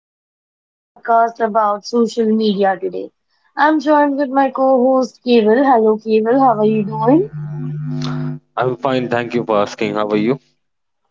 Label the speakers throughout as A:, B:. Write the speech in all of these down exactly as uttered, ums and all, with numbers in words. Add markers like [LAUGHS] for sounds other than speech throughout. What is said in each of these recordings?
A: bringing you the podcast about social media today. I'm joined with my co host Keval. Hello, Keval. How are you doing?
B: I'm fine, thank you for asking. How are you?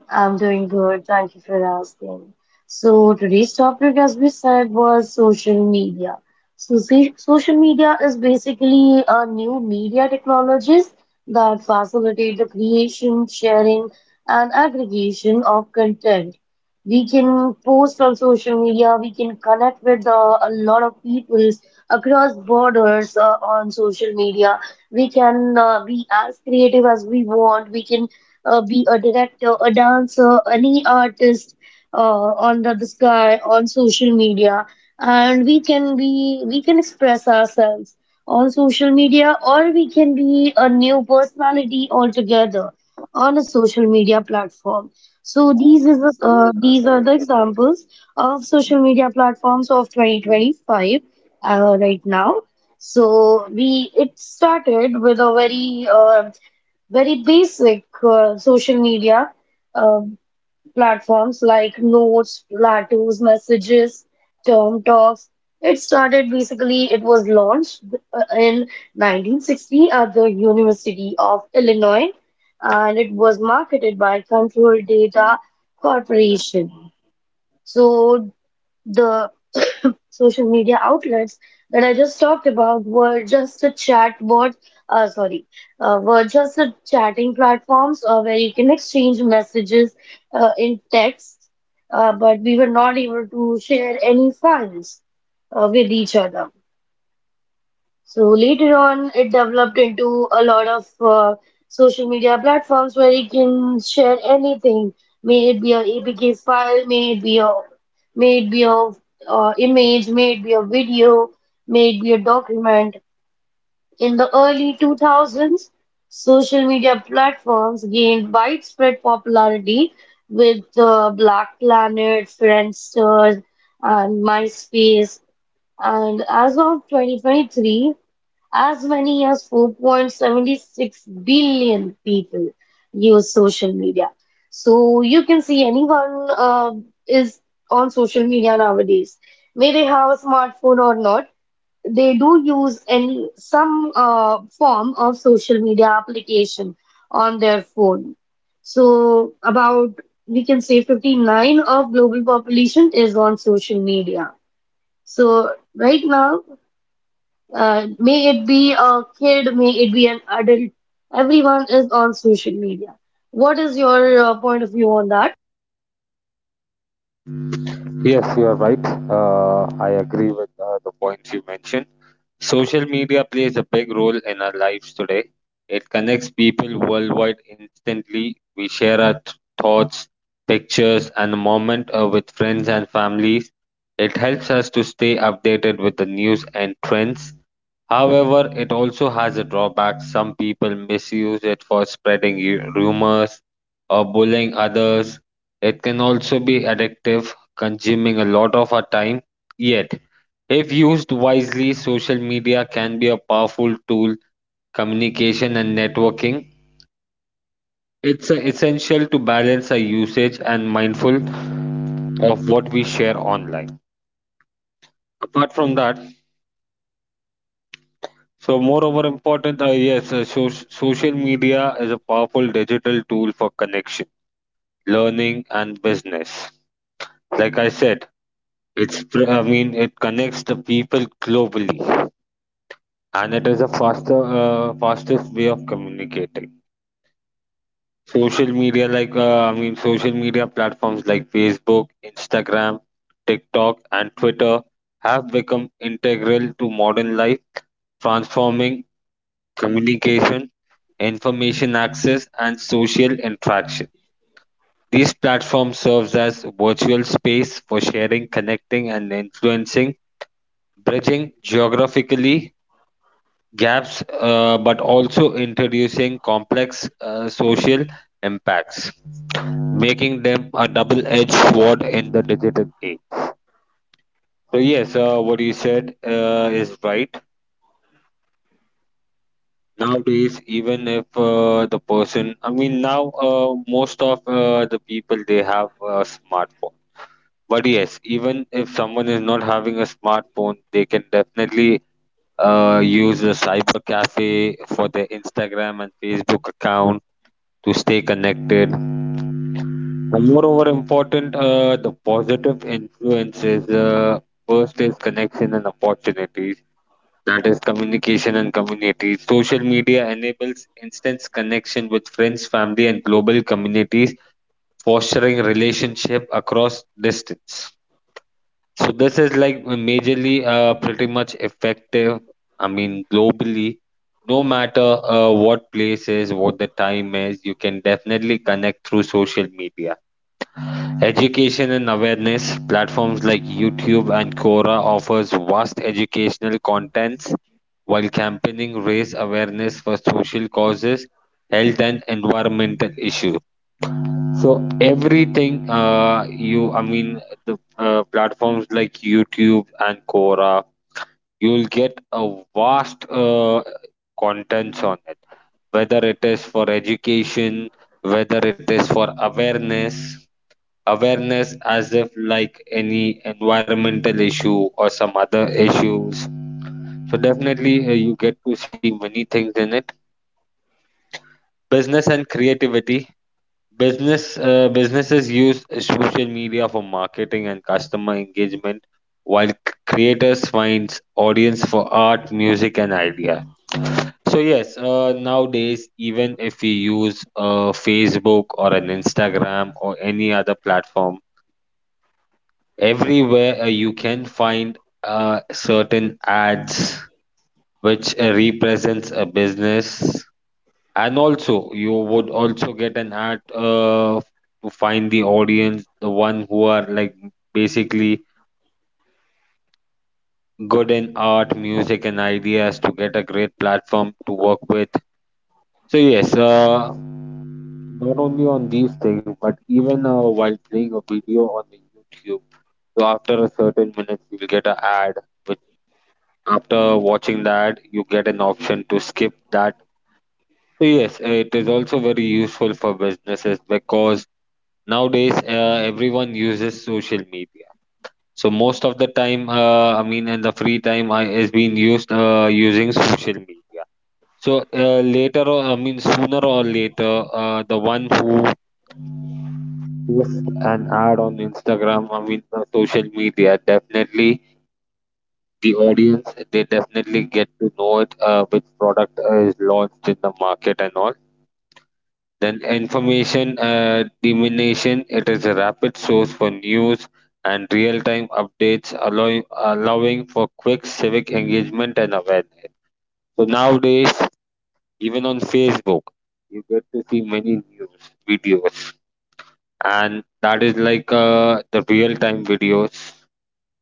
A: I'm doing good. Thank you for asking. So today's topic, as we said, was social media. So, see, social media is basically a new media technologies that facilitate the creation, sharing, and aggregation of content. We can post on social media. We can connect with uh, a lot of people across borders uh, on social media. We can uh, be as creative as we want. We can uh, be a director, a dancer, any artist uh, on the, sky on social media, and we can be we can express ourselves on social media, or we can be a new personality altogether on a social media platform. So these is the, uh, these are the examples of social media platforms of twenty twenty-five uh, right now. So we it started with a very uh, very basic uh, social media uh, platforms like Notes, Platos, Messages, Term Talks. It started basically, it was launched uh, in nineteen sixty at the University of Illinois, and it was marketed by Control Data Corporation. So the [COUGHS] social media outlets that I just talked about were just a chat board, uh, sorry, uh, were just a chatting platforms uh, where you can exchange messages uh, in text, uh, but we were not able to share any files uh, with each other. So later on, it developed into a lot of uh, social media platforms where you can share anything, may it be a APK file, may it be a may it be a uh, image, may it be a video, may it be a document. In the early two thousands, social media platforms gained widespread popularity with uh, Black Planet, Friendster, and MySpace. And as of twenty twenty-three, as many as four point seven six billion people use social media. So you can see anyone uh, is on social media nowadays. May they have a smartphone or not, they do use any some uh, form of social media application on their phone. So about we can say fifty-nine of global population is on social media. So right now, uh, may it be a kid, may it be an adult, everyone is on social media. What is your uh, point of view on that?
B: Yes, you are right. Uh, I agree with uh, the points you mentioned. Social media plays a big role in our lives today. It connects people worldwide instantly. We share our th- thoughts, pictures, and the moment uh, with friends and families. It helps us to stay updated with the news and trends. However, it also has a drawback. Some people misuse it for spreading ru- rumors or bullying others. It can also be addictive, consuming a lot of our time. Yet, if used wisely, social media can be a powerful tool, communication and networking. It's uh, essential to balance our usage and mindful of what we share online. Apart from that, so moreover important, uh, yes, uh, so- social media is a powerful digital tool for connection, learning, and business. Like I said, it's pr- I mean it connects the people globally, and it is a faster uh, fastest way of communicating. Social media, like uh, I mean, social media platforms like Facebook, Instagram, TikTok, and Twitter have become integral to modern life, transforming communication, information access, and social interaction. These platforms serves as virtual space for sharing, connecting, and influencing, bridging geographically gaps, uh, but also introducing complex uh, social impacts, making them a double-edged sword in the digital age. So yes, uh, what you said uh, is right. Nowadays, even if uh, the person, I mean, now uh, most of uh, the people they have a smartphone. But yes, even if someone is not having a smartphone, they can definitely uh, use a cyber cafe for their Instagram and Facebook account to stay connected. And moreover, important uh, the positive influences. Uh, first is connection and opportunities, that is communication and community. Social media enables instant connection with friends, family, and global communities, fostering relationship across distance. So this is like majorly uh, pretty much effective. I mean, globally, no matter uh, what place is, what the time is, you can definitely connect through social media. Education and awareness platforms like YouTube and Quora offers vast educational contents while campaigning raise awareness for social causes, health and environmental issues. So everything uh, you I mean the uh, platforms like YouTube and Quora, you'll get a vast uh, contents on it, whether it is for education, whether it is for awareness, awareness as if like any environmental issue or some other issues. So definitely uh, you get to see many things in it. Business and creativity, business uh, businesses use social media for marketing and customer engagement, while c- creators finds audience for art, music and idea. So yes, uh, nowadays, even if we use uh, Facebook or an Instagram or any other platform, everywhere uh, you can find uh, certain ads which uh, represents a business. And also you would also get an ad uh, to find the audience, the one who are like basically good in art, music and ideas to get a great platform to work with. So yes, uh, not only on these things, but even uh, while playing a video on the YouTube, so after a certain minute you'll get an ad. After watching that, you get an option to skip that. So yes, it is also very useful for businesses, because nowadays uh, everyone uses social media. So most of the time, uh, I mean in the free time, I, is being used uh, using social media. So uh, later or I mean sooner or later, uh, the one who posts an ad on Instagram, i mean uh, social media, definitely the audience, they definitely get to know it, uh, which product uh, is launched in the market and all. Then information uh, diminution, it is a rapid source for news and real-time updates, allowing allowing for quick civic engagement and awareness. So nowadays, even on Facebook, you get to see many news videos, and that is like uh, the real-time videos.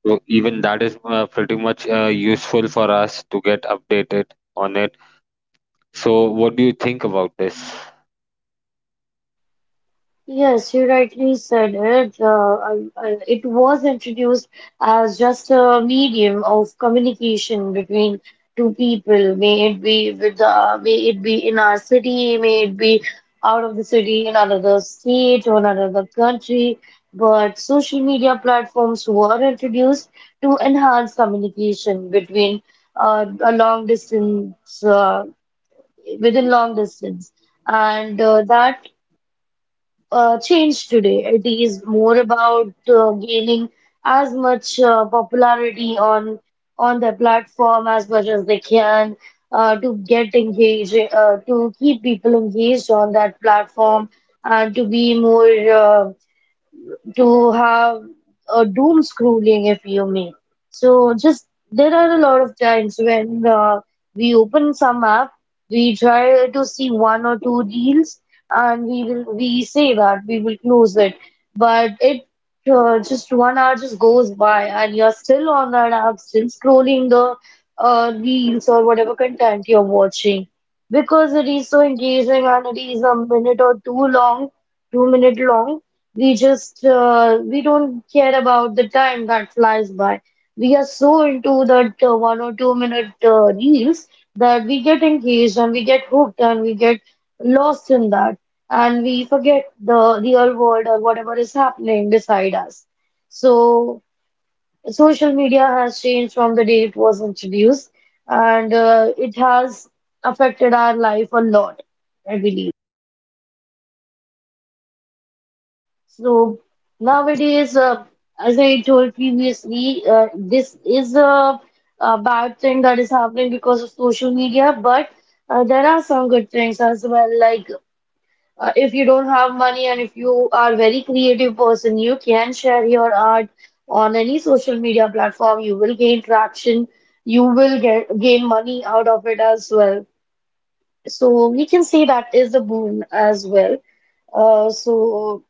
B: So even that is uh, pretty much uh, useful for us to get updated on it. So what do you think about this?
A: Yes, you rightly said it. Uh, I- I- it was introduced as just a medium of communication between two people, may it be with the, may it be in our city, may it be out of the city, in another state or another country. But social media platforms were introduced to enhance communication between uh, a long distance, uh, within long distance, and uh, that uh, changed today. It is more about uh, gaining as much uh, popularity on on their platform as much as they can uh, to get engaged, uh, to keep people engaged on that platform, and to be more. Uh, to have a doom scrolling, if you may. So, just there are a lot of times when uh, we open some app, we try to see one or two deals, and we will we say that we will close it, but it uh, just one hour just goes by, and you're still on that app, still scrolling the uh, reels or whatever content you're watching, because it is so engaging, and it is a minute or two long, two minute long, we just uh, we don't care about the time that flies by. We are so into that uh, one or two minute uh, reels that we get engaged and we get hooked and we get lost in that, and we forget the real world or whatever is happening beside us. So social media has changed from the day it was introduced, and uh, it has affected our life a lot, I believe. So nowadays, uh, as I told previously, uh, this is a, a bad thing that is happening because of social media, but uh, there are some good things as well. Like, uh, if you don't have money and if you are a very creative person, you can share your art on any social media platform. You will gain traction. You will get gain money out of it as well. So we can say that is a boon as well. Uh, so.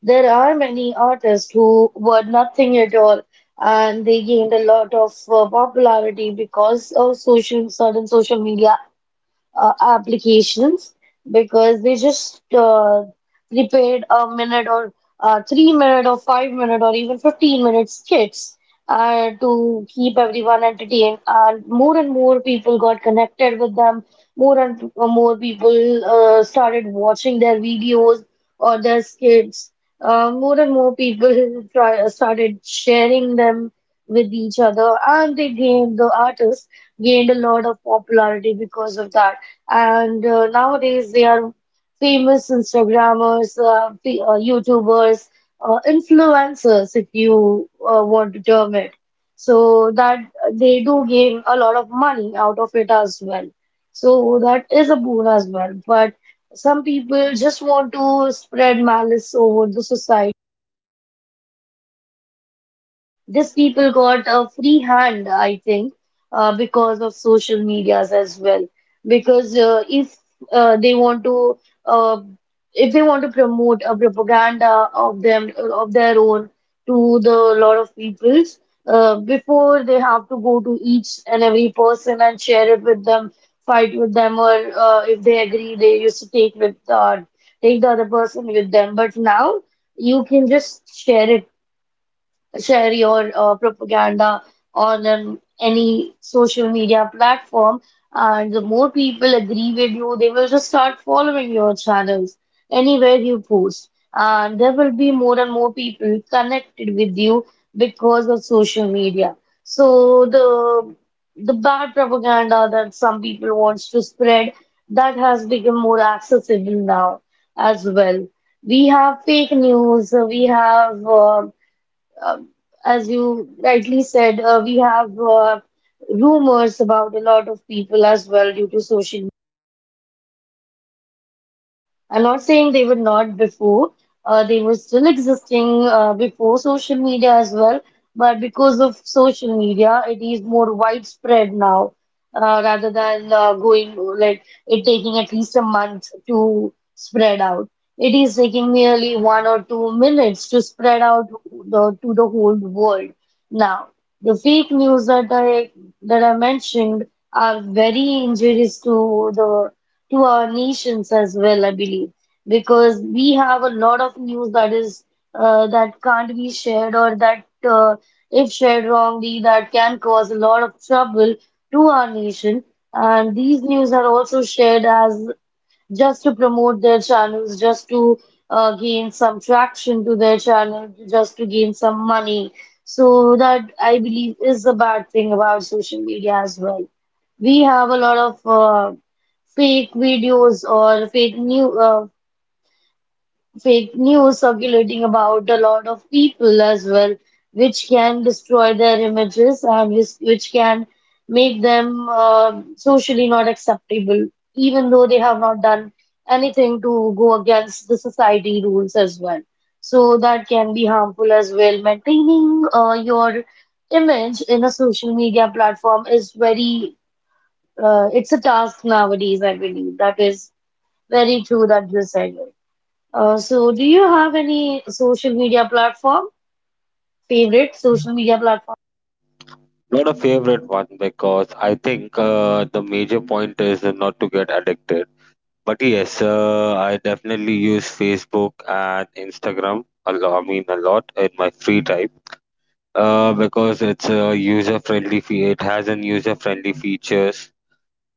A: There are many artists who were nothing at all, and they gained a lot of uh, popularity because of social sudden social media uh, applications, because they just uh, prepared a minute or uh, three minute or five minute or even fifteen minute skits uh, to keep everyone entertained, and more and more people got connected with them. More and uh, more people uh, started watching their videos or their skits. Uh, more and more people [LAUGHS] try, started sharing them with each other, and they gained the artists gained a lot of popularity because of that. And uh, nowadays, they are famous instagrammers, uh, the, uh, youtubers, uh, influencers, if you uh, want to term it. So that they do gain a lot of money out of it as well. So that is a boon as well. But some people just want to spread malice over the society. These people got a free hand, I think, uh, because of social medias as well. Because uh, if uh, they want to, uh, if they want to promote a propaganda of them of their own to the lot of peoples, uh, before, they have to go to each and every person and share it with them, fight with them, or uh, if they agree, they used to take with uh, take the other person with them. But now you can just share it share your uh, propaganda on an, any social media platform, and the more people agree with you, they will just start following your channels anywhere you post. And there will be more and more people connected with you because of social media. So the the bad propaganda that some people wants to spread, that has become more accessible now as well. We have fake news, we have uh, um, as you rightly said, uh, we have uh, rumors about a lot of people as well due to social. I'm not saying they were not before. Uh, they were still existing uh, before social media as well, but because of social media, it is more widespread now, uh, rather than uh, going like it taking at least a month to spread out. It is taking nearly one or two minutes to spread out the, to the whole world. Now, the fake news that I that I mentioned are very injurious to the to our nations as well, I believe, because we have a lot of news that is uh, that can't be shared, or that, uh, if shared wrongly, that can cause a lot of trouble to our nation. And these news are also shared as just to promote their channels, just to uh, gain some traction to their channel, just to gain some money. So that, I believe, is the bad thing about social media as well. We have a lot of uh, fake videos or fake news, fake news circulating about a lot of people as well, which can destroy their images, and which, which can make them uh, socially not acceptable, even though they have not done anything to go against the society rules as well. So that can be harmful as well. Maintaining uh, your image in a social media platform is very, uh, it's a task nowadays, I believe. That is very true that you said. Uh, so, do you have any social media platform? Favorite social media platform?
B: Not a favorite one, because I think uh, the major point is not to get addicted. But yes, uh, I definitely use Facebook and Instagram a lot. I mean, a lot in my free time, uh, because it's a user friendly. Fe- it has an user friendly features.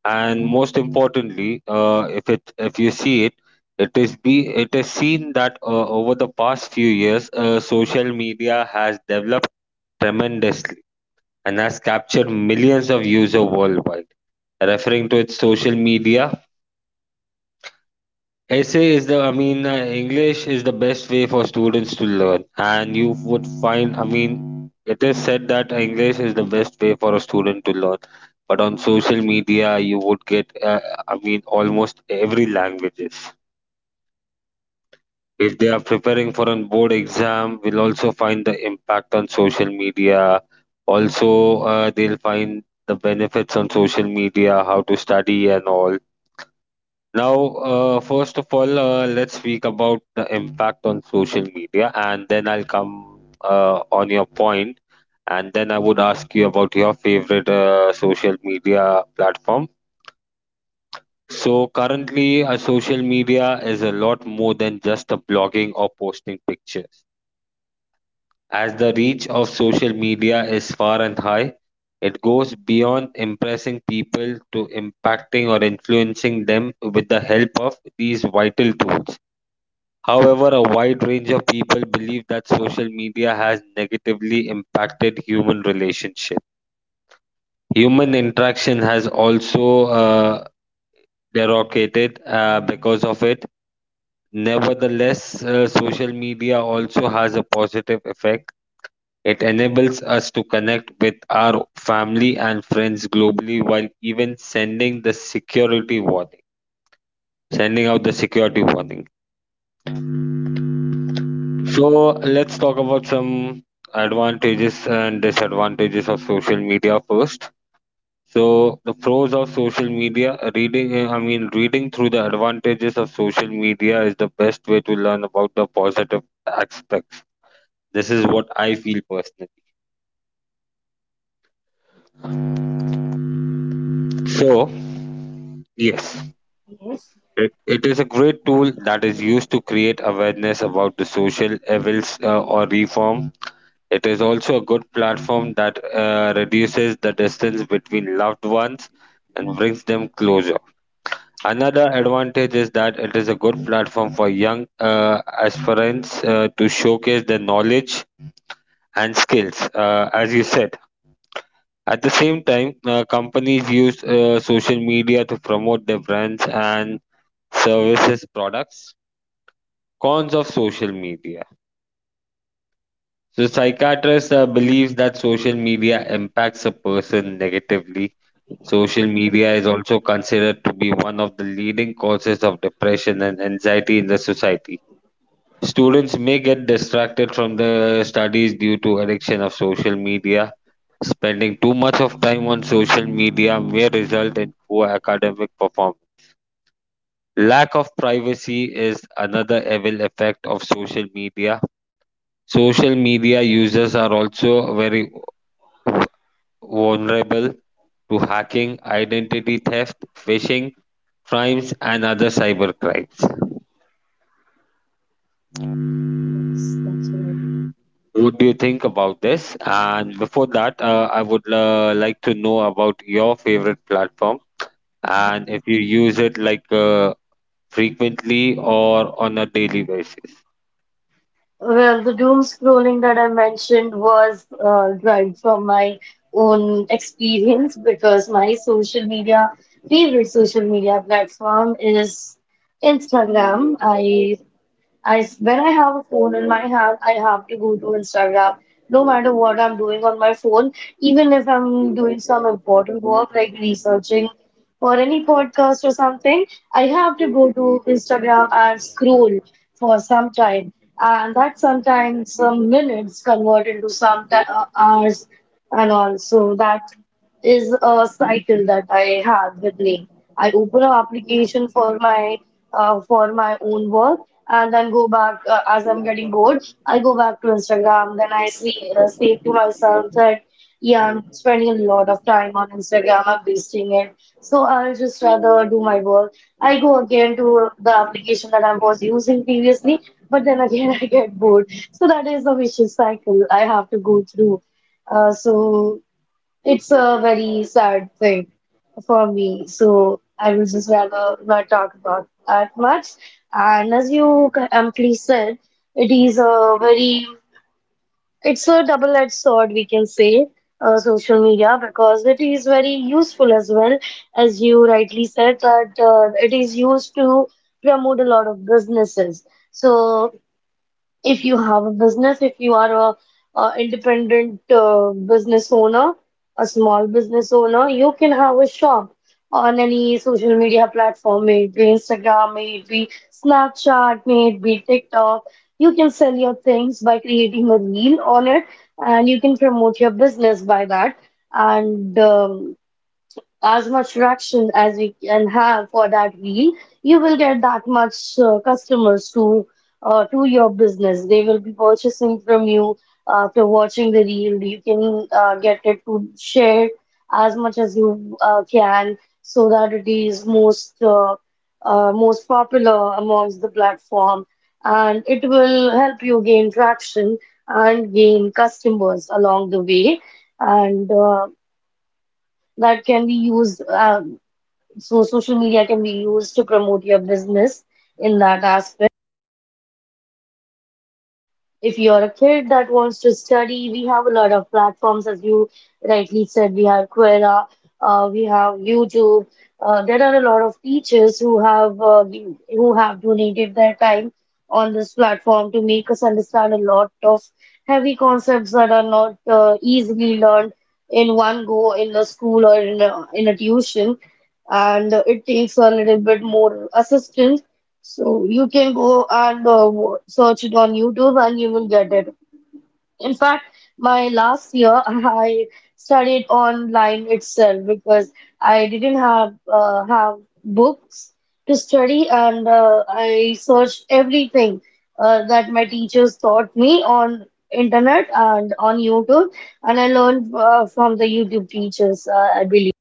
B: And most importantly, uh, if it if you see it, it is be it is seen that uh, over the past few years, uh, social media has developed tremendously and has captured millions of users worldwide, referring to its social media. Essay is the, I mean, uh, English is the best way for students to learn. And you would find, I mean, it is said that English is the best way for a student to learn. But on social media, you would get, uh, I mean, almost every languages. If they are preparing for a board exam, will also find the impact on social media. Also, uh, they'll find the benefits on social media, how to study and all. Now, uh, first of all, uh, let's speak about the impact on social media, and then I'll come uh, on your point, and then I would ask you about your favorite uh, social media platform. So, currently, uh, social media is a lot more than just the blogging or posting pictures. As the reach of social media is far and high, it goes beyond impressing people to impacting or influencing them with the help of these vital tools. However, a wide range of people believe that social media has negatively impacted human relationship. Human interaction has also uh, derogated uh, because of it. Nevertheless, uh, social media also has a positive effect. It enables us to connect with our family and friends globally, while even sending the security warning, sending out the security warning. So let's talk about some advantages and disadvantages of social media first. So the pros of social media, reading eh, I mean reading through the advantages of social media is the best way to learn about the positive aspects. This is what I feel personally. So, yes,
A: Yes,
B: it, it is a great tool that is used to create awareness about the social evils uh, or reform. It is also a good platform that uh, reduces the distance between loved ones and brings them closer. Another advantage is that it is a good platform for young uh, aspirants uh, to showcase their knowledge and skills, uh, as you said. At the same time, uh, companies use uh, social media to promote their brands and services products. Cons of social media. So, psychiatrists uh, believes that social media impacts a person negatively. Social media is also considered to be one of the leading causes of depression and anxiety in the society. Students may get distracted from the studies due to addiction of social media. Spending too much of time on social media may result in poor academic performance. Lack of privacy is another evil effect of social media. Social media users are also very vulnerable to hacking, identity theft, phishing crimes, and other cyber crimes.
A: yes, that's right.
B: What do you think about this? And before that, uh, I would uh, like to know about your favorite platform and if you use it like uh, frequently or on a daily basis.
A: Well, the doom scrolling that I mentioned was uh, derived from my own experience, because my social media, favorite social media platform is Instagram. I I s- when I have a phone in my hand, I have to go to Instagram. No matter what I'm doing on my phone, even if I'm doing some important work like researching for any podcast or something, I have to go to Instagram and scroll for some time. And that sometimes some minutes convert into some ti- uh, hours and all. So that is a cycle that I have with me. I open an application for my uh, for my own work, and then go back uh, as I'm getting bored. I go back to Instagram. Then I see uh, say to myself that yeah, I'm spending a lot of time on Instagram. I'm wasting it. So I'll just rather do my work. I go again to the application that I was using previously, but then again [LAUGHS] I get bored. So that is a vicious cycle I have to go through. Uh, so it's a very sad thing for me, so I will just rather not talk about that much. And as you c- amply said, it is a very, it's a double-edged sword, we can say, uh, social media, because it is very useful as well, as you rightly said that uh, it is used to promote a lot of businesses. So if you have a business, if you are a, a independent uh, business owner, a small business owner, you can have a shop on any social media platform, may it be Instagram, may it be Snapchat, may it be TikTok. You can sell your things by creating a reel on it, and you can promote your business by that. And um, As much traction as we can have for that reel, you will get that much uh, customers to uh, to your business. They will be purchasing from you after watching the reel. You can uh, get it to share as much as you uh, can so that it is most uh, uh, most popular amongst the platform, and it will help you gain traction and gain customers along the way. And uh, That can be used. Uh, so social media can be used to promote your business in that aspect. If you're a kid that wants to study, we have a lot of platforms, as you rightly said. We have Quora, uh, we have YouTube. Uh, there are a lot of teachers who have uh, been- who have donated their time on this platform to make us understand a lot of heavy concepts that are not uh, easily learned in one go in the school or in a, in a tuition, and it takes a little bit more assistance so you can go and uh, wo- search it on YouTube and you will get it. In fact, my last year [LAUGHS] I studied online itself because I didn't have uh, have books to study and uh, I searched everything uh, that my teachers taught me on internet and on YouTube and I learned uh, from the YouTube teachers, uh, I believe,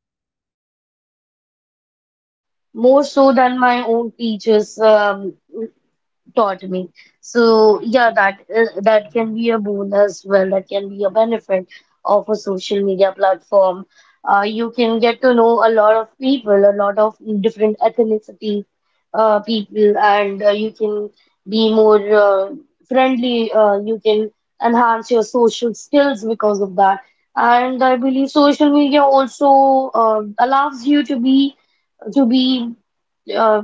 A: more so than my own teachers. Um, taught me. So yeah, that uh, that can be a boon as well, that can be a benefit of a social media platform. Uh, you can get to know a lot of people, a lot of different ethnicity uh, people, and uh, you can be more uh, friendly. Uh, you can enhance your social skills because of that. And I believe social media also uh, allows you to be to be uh,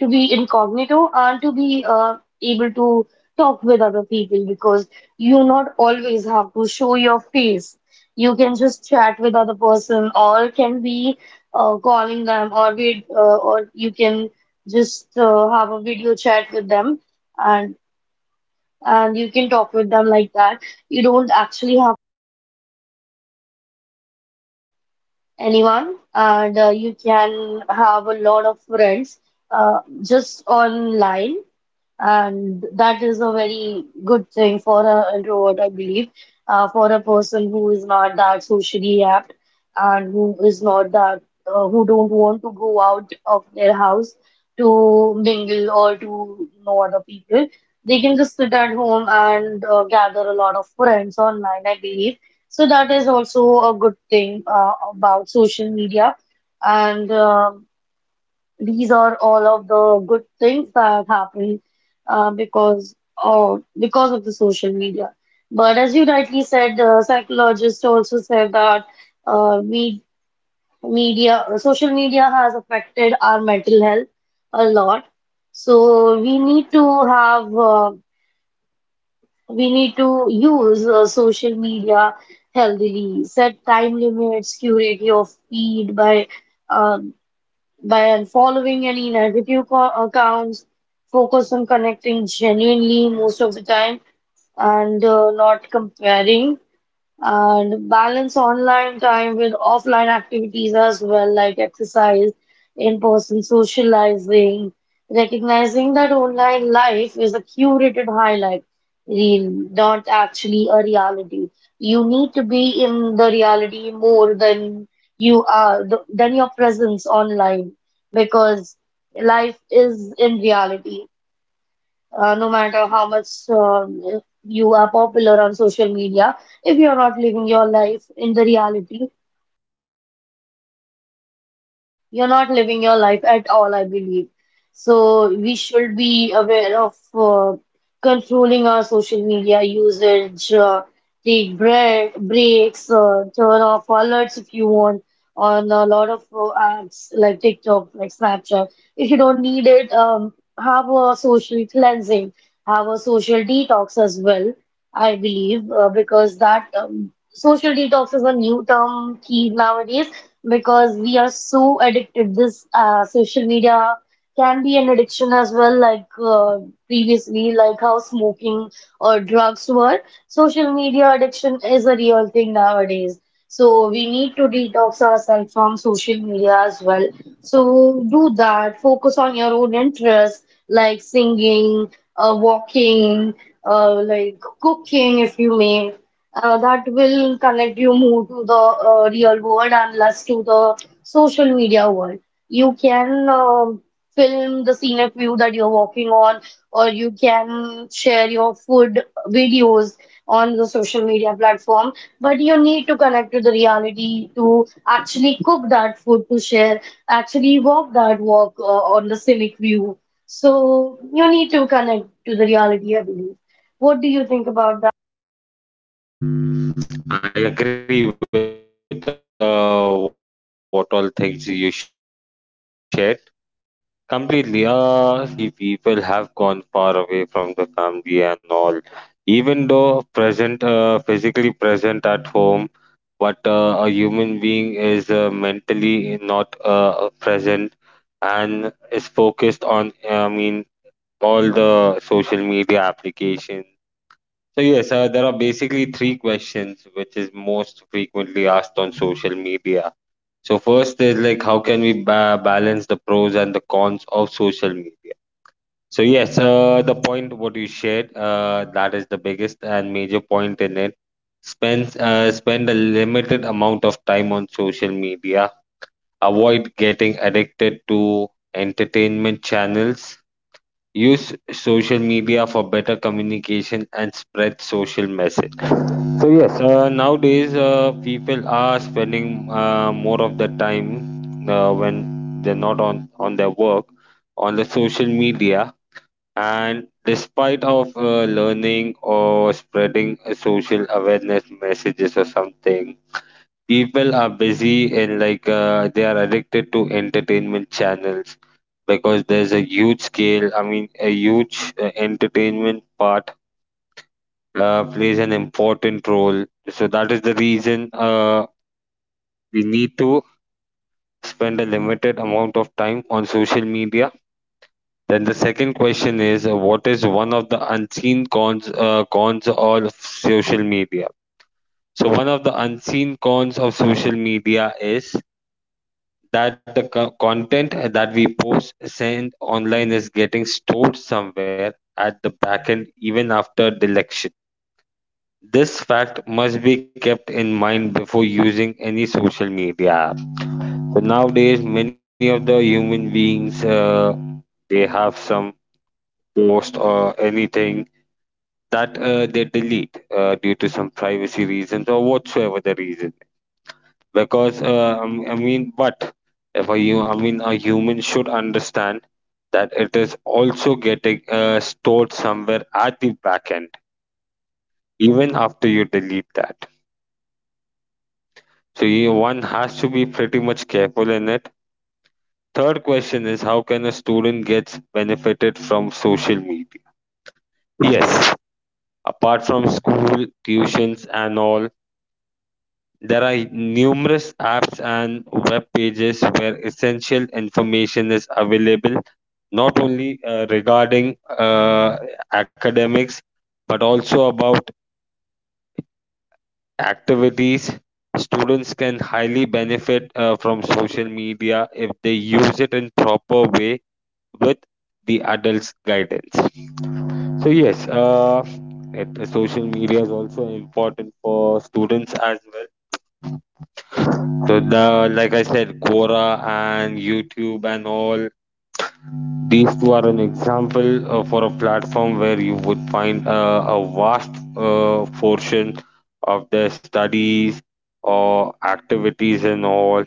A: to be incognito and to be uh, able to talk with other people because you not always have to show your face. You can just chat with other person or can be uh, calling them or be, uh, or you can just uh, have a video chat with them and and you can talk with them like that. You don't actually have anyone and uh, you can have a lot of friends uh, just online. And that is a very good thing for an introvert, I believe, uh, for a person who is not that socially apt and who is not that, uh, who don't want to go out of their house to mingle or to know other people. They can just sit at home and uh, gather a lot of friends online, I believe. So that is also a good thing uh, about social media. And um These are all of the good things that happen uh, because of because of the social media. But as you rightly said, uh, psychologists also said that uh, we media social media has affected our mental health a lot. So we need to have uh, we need to use uh, social media healthily. Set time limits, curate your feed by uh, by unfollowing any negative co- accounts, focus on connecting genuinely most of the time and uh, not comparing and balance online time with offline activities as well, like exercise, in-person socializing, recognizing that online life is a curated highlight reel, not actually a reality. You need to be in the reality more than you are, th- than your presence online, because life is in reality uh, no matter how much um, you are popular on social media, if you're not living your life in the reality, you're not living your life at all, I believe. So we should be aware of uh, controlling our social media usage, uh, take break, breaks, uh, turn off alerts if you want on a lot of uh, apps like TikTok, like Snapchat. If you don't need it, um, have a social cleansing, have a social detox as well, I believe, uh, because that um, social detox is a new term key nowadays because we are so addicted. This uh, social media can be an addiction as well, like uh, previously, like how smoking or drugs were. Social media addiction is a real thing nowadays. So we need to detox ourselves from social media as well. So do that. Focus on your own interests, like singing, uh, walking, uh, like cooking, if you may uh, that will connect you more to the uh, real world and less to the social media world. You can um film the scenic view that you're walking on, or you can share your food videos on the social media platform. But you need to connect to the reality to actually cook that food to share, actually walk that walk uh, on the scenic view. So you need to connect to the reality, I believe. What do you think about that?
B: I agree with uh, what all things you shared completely. Uh, since the time uh, social media has come, definitely people have gone far away from the family and all. Even though present, uh, physically present at home, but uh, a human being is uh, mentally not uh, present and is focused on, I mean, all the social media applications. So yes, uh, there are basically three questions which is most frequently asked on social media. So first is like, how can we ba balance the pros and the cons of social media? So yes, uh, the point what you shared, uh, that is the biggest and major point in it. Spend uh, spend a limited amount of time on social media. Avoid getting addicted to entertainment channels. Use social media for better communication and spread social message. So yes, uh, nowadays, uh, people are spending uh, more of the time uh, when they're not on on their work on the social media. And despite of uh, learning or spreading social awareness messages or something, people are busy and like uh, they are addicted to entertainment channels, because there's a huge scale, I mean a huge uh, entertainment part uh, plays an important role. So that is the reason uh, we need to spend a limited amount of time on social media. Then the second question is, uh, what is one of the unseen cons uh, cons of social media? So one of the unseen cons of social media is that the co- content that we post send online is getting stored somewhere at the back end even after deletion. This fact must be kept in mind before using any social media app. So nowadays, many of the human beings uh, they have some post or anything that uh, they delete uh, due to some privacy reasons or whatsoever the reason. Because uh, I m- I mean but if a you I mean a human should understand that it is also getting uh, stored somewhere at the back end even after you delete that. So you, one has to be pretty much careful in it. Third question is, how can a student gets benefited from social media? Yes, apart from school tuitions and all, there are numerous apps and web pages where essential information is available, not only uh, regarding uh, academics, but also about activities. Students can highly benefit uh, from social media if they use it in proper way with the adults' guidance. So yes, uh, it, social media is also important for students as well. So the, like I said, Quora and YouTube and all, these two are an example uh, for a platform where you would find uh, a vast uh, portion of the studies or activities and all.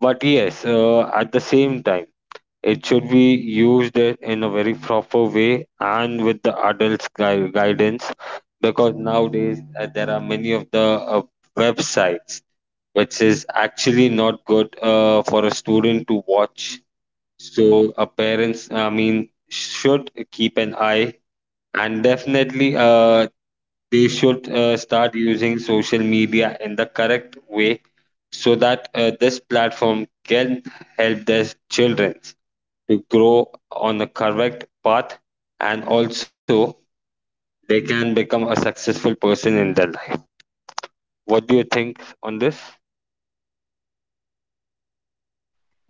B: But yes, uh, at the same time, it should be used i- in a very proper way and with the adults' gui- guidance, because nowadays uh, there are many of the uh, websites which is actually not good uh, for a student to watch. So, uh, parents, I mean, should keep an eye, and definitely uh, they should uh, start using social media in the correct way, so that uh, this platform can help their children to grow on the correct path, and also they can become a successful person in their life. What do you think on this?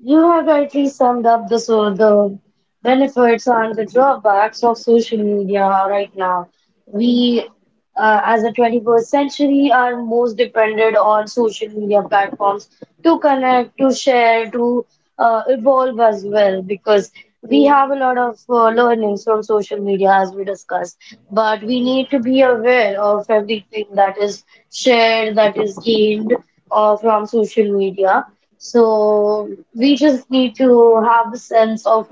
A: You have rightly summed up the, so the benefits and the drawbacks of social media right now. We uh, as the twenty-first century, are most dependent on social media platforms to connect, to share, to uh, evolve as well because we have a lot of uh, learnings from social media as we discussed. But we need to be aware of everything that is shared, that is gained uh, from social media. So we just need to have a sense of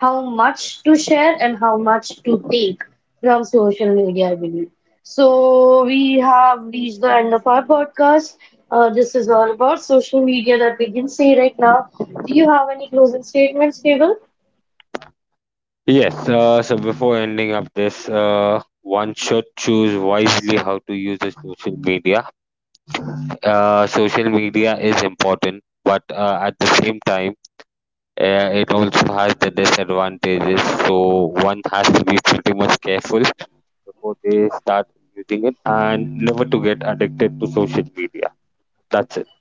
A: how much to share and how much to take from social media, I believe. So we have reached the end of our podcast. Uh, this is all about social media that we can say right now. Do you have any closing statements, Cable?
B: Yes, uh, so before ending up this, uh, one should choose wisely how to use the social media. Uh, social media is important, but uh, at the same time, uh, it also has the disadvantages. So one has to be pretty much careful before they start using it, and never to get addicted to social media. That's it.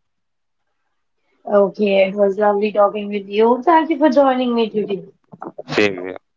A: Okay, it was lovely talking with you. Thank you for joining me today.
B: Same here.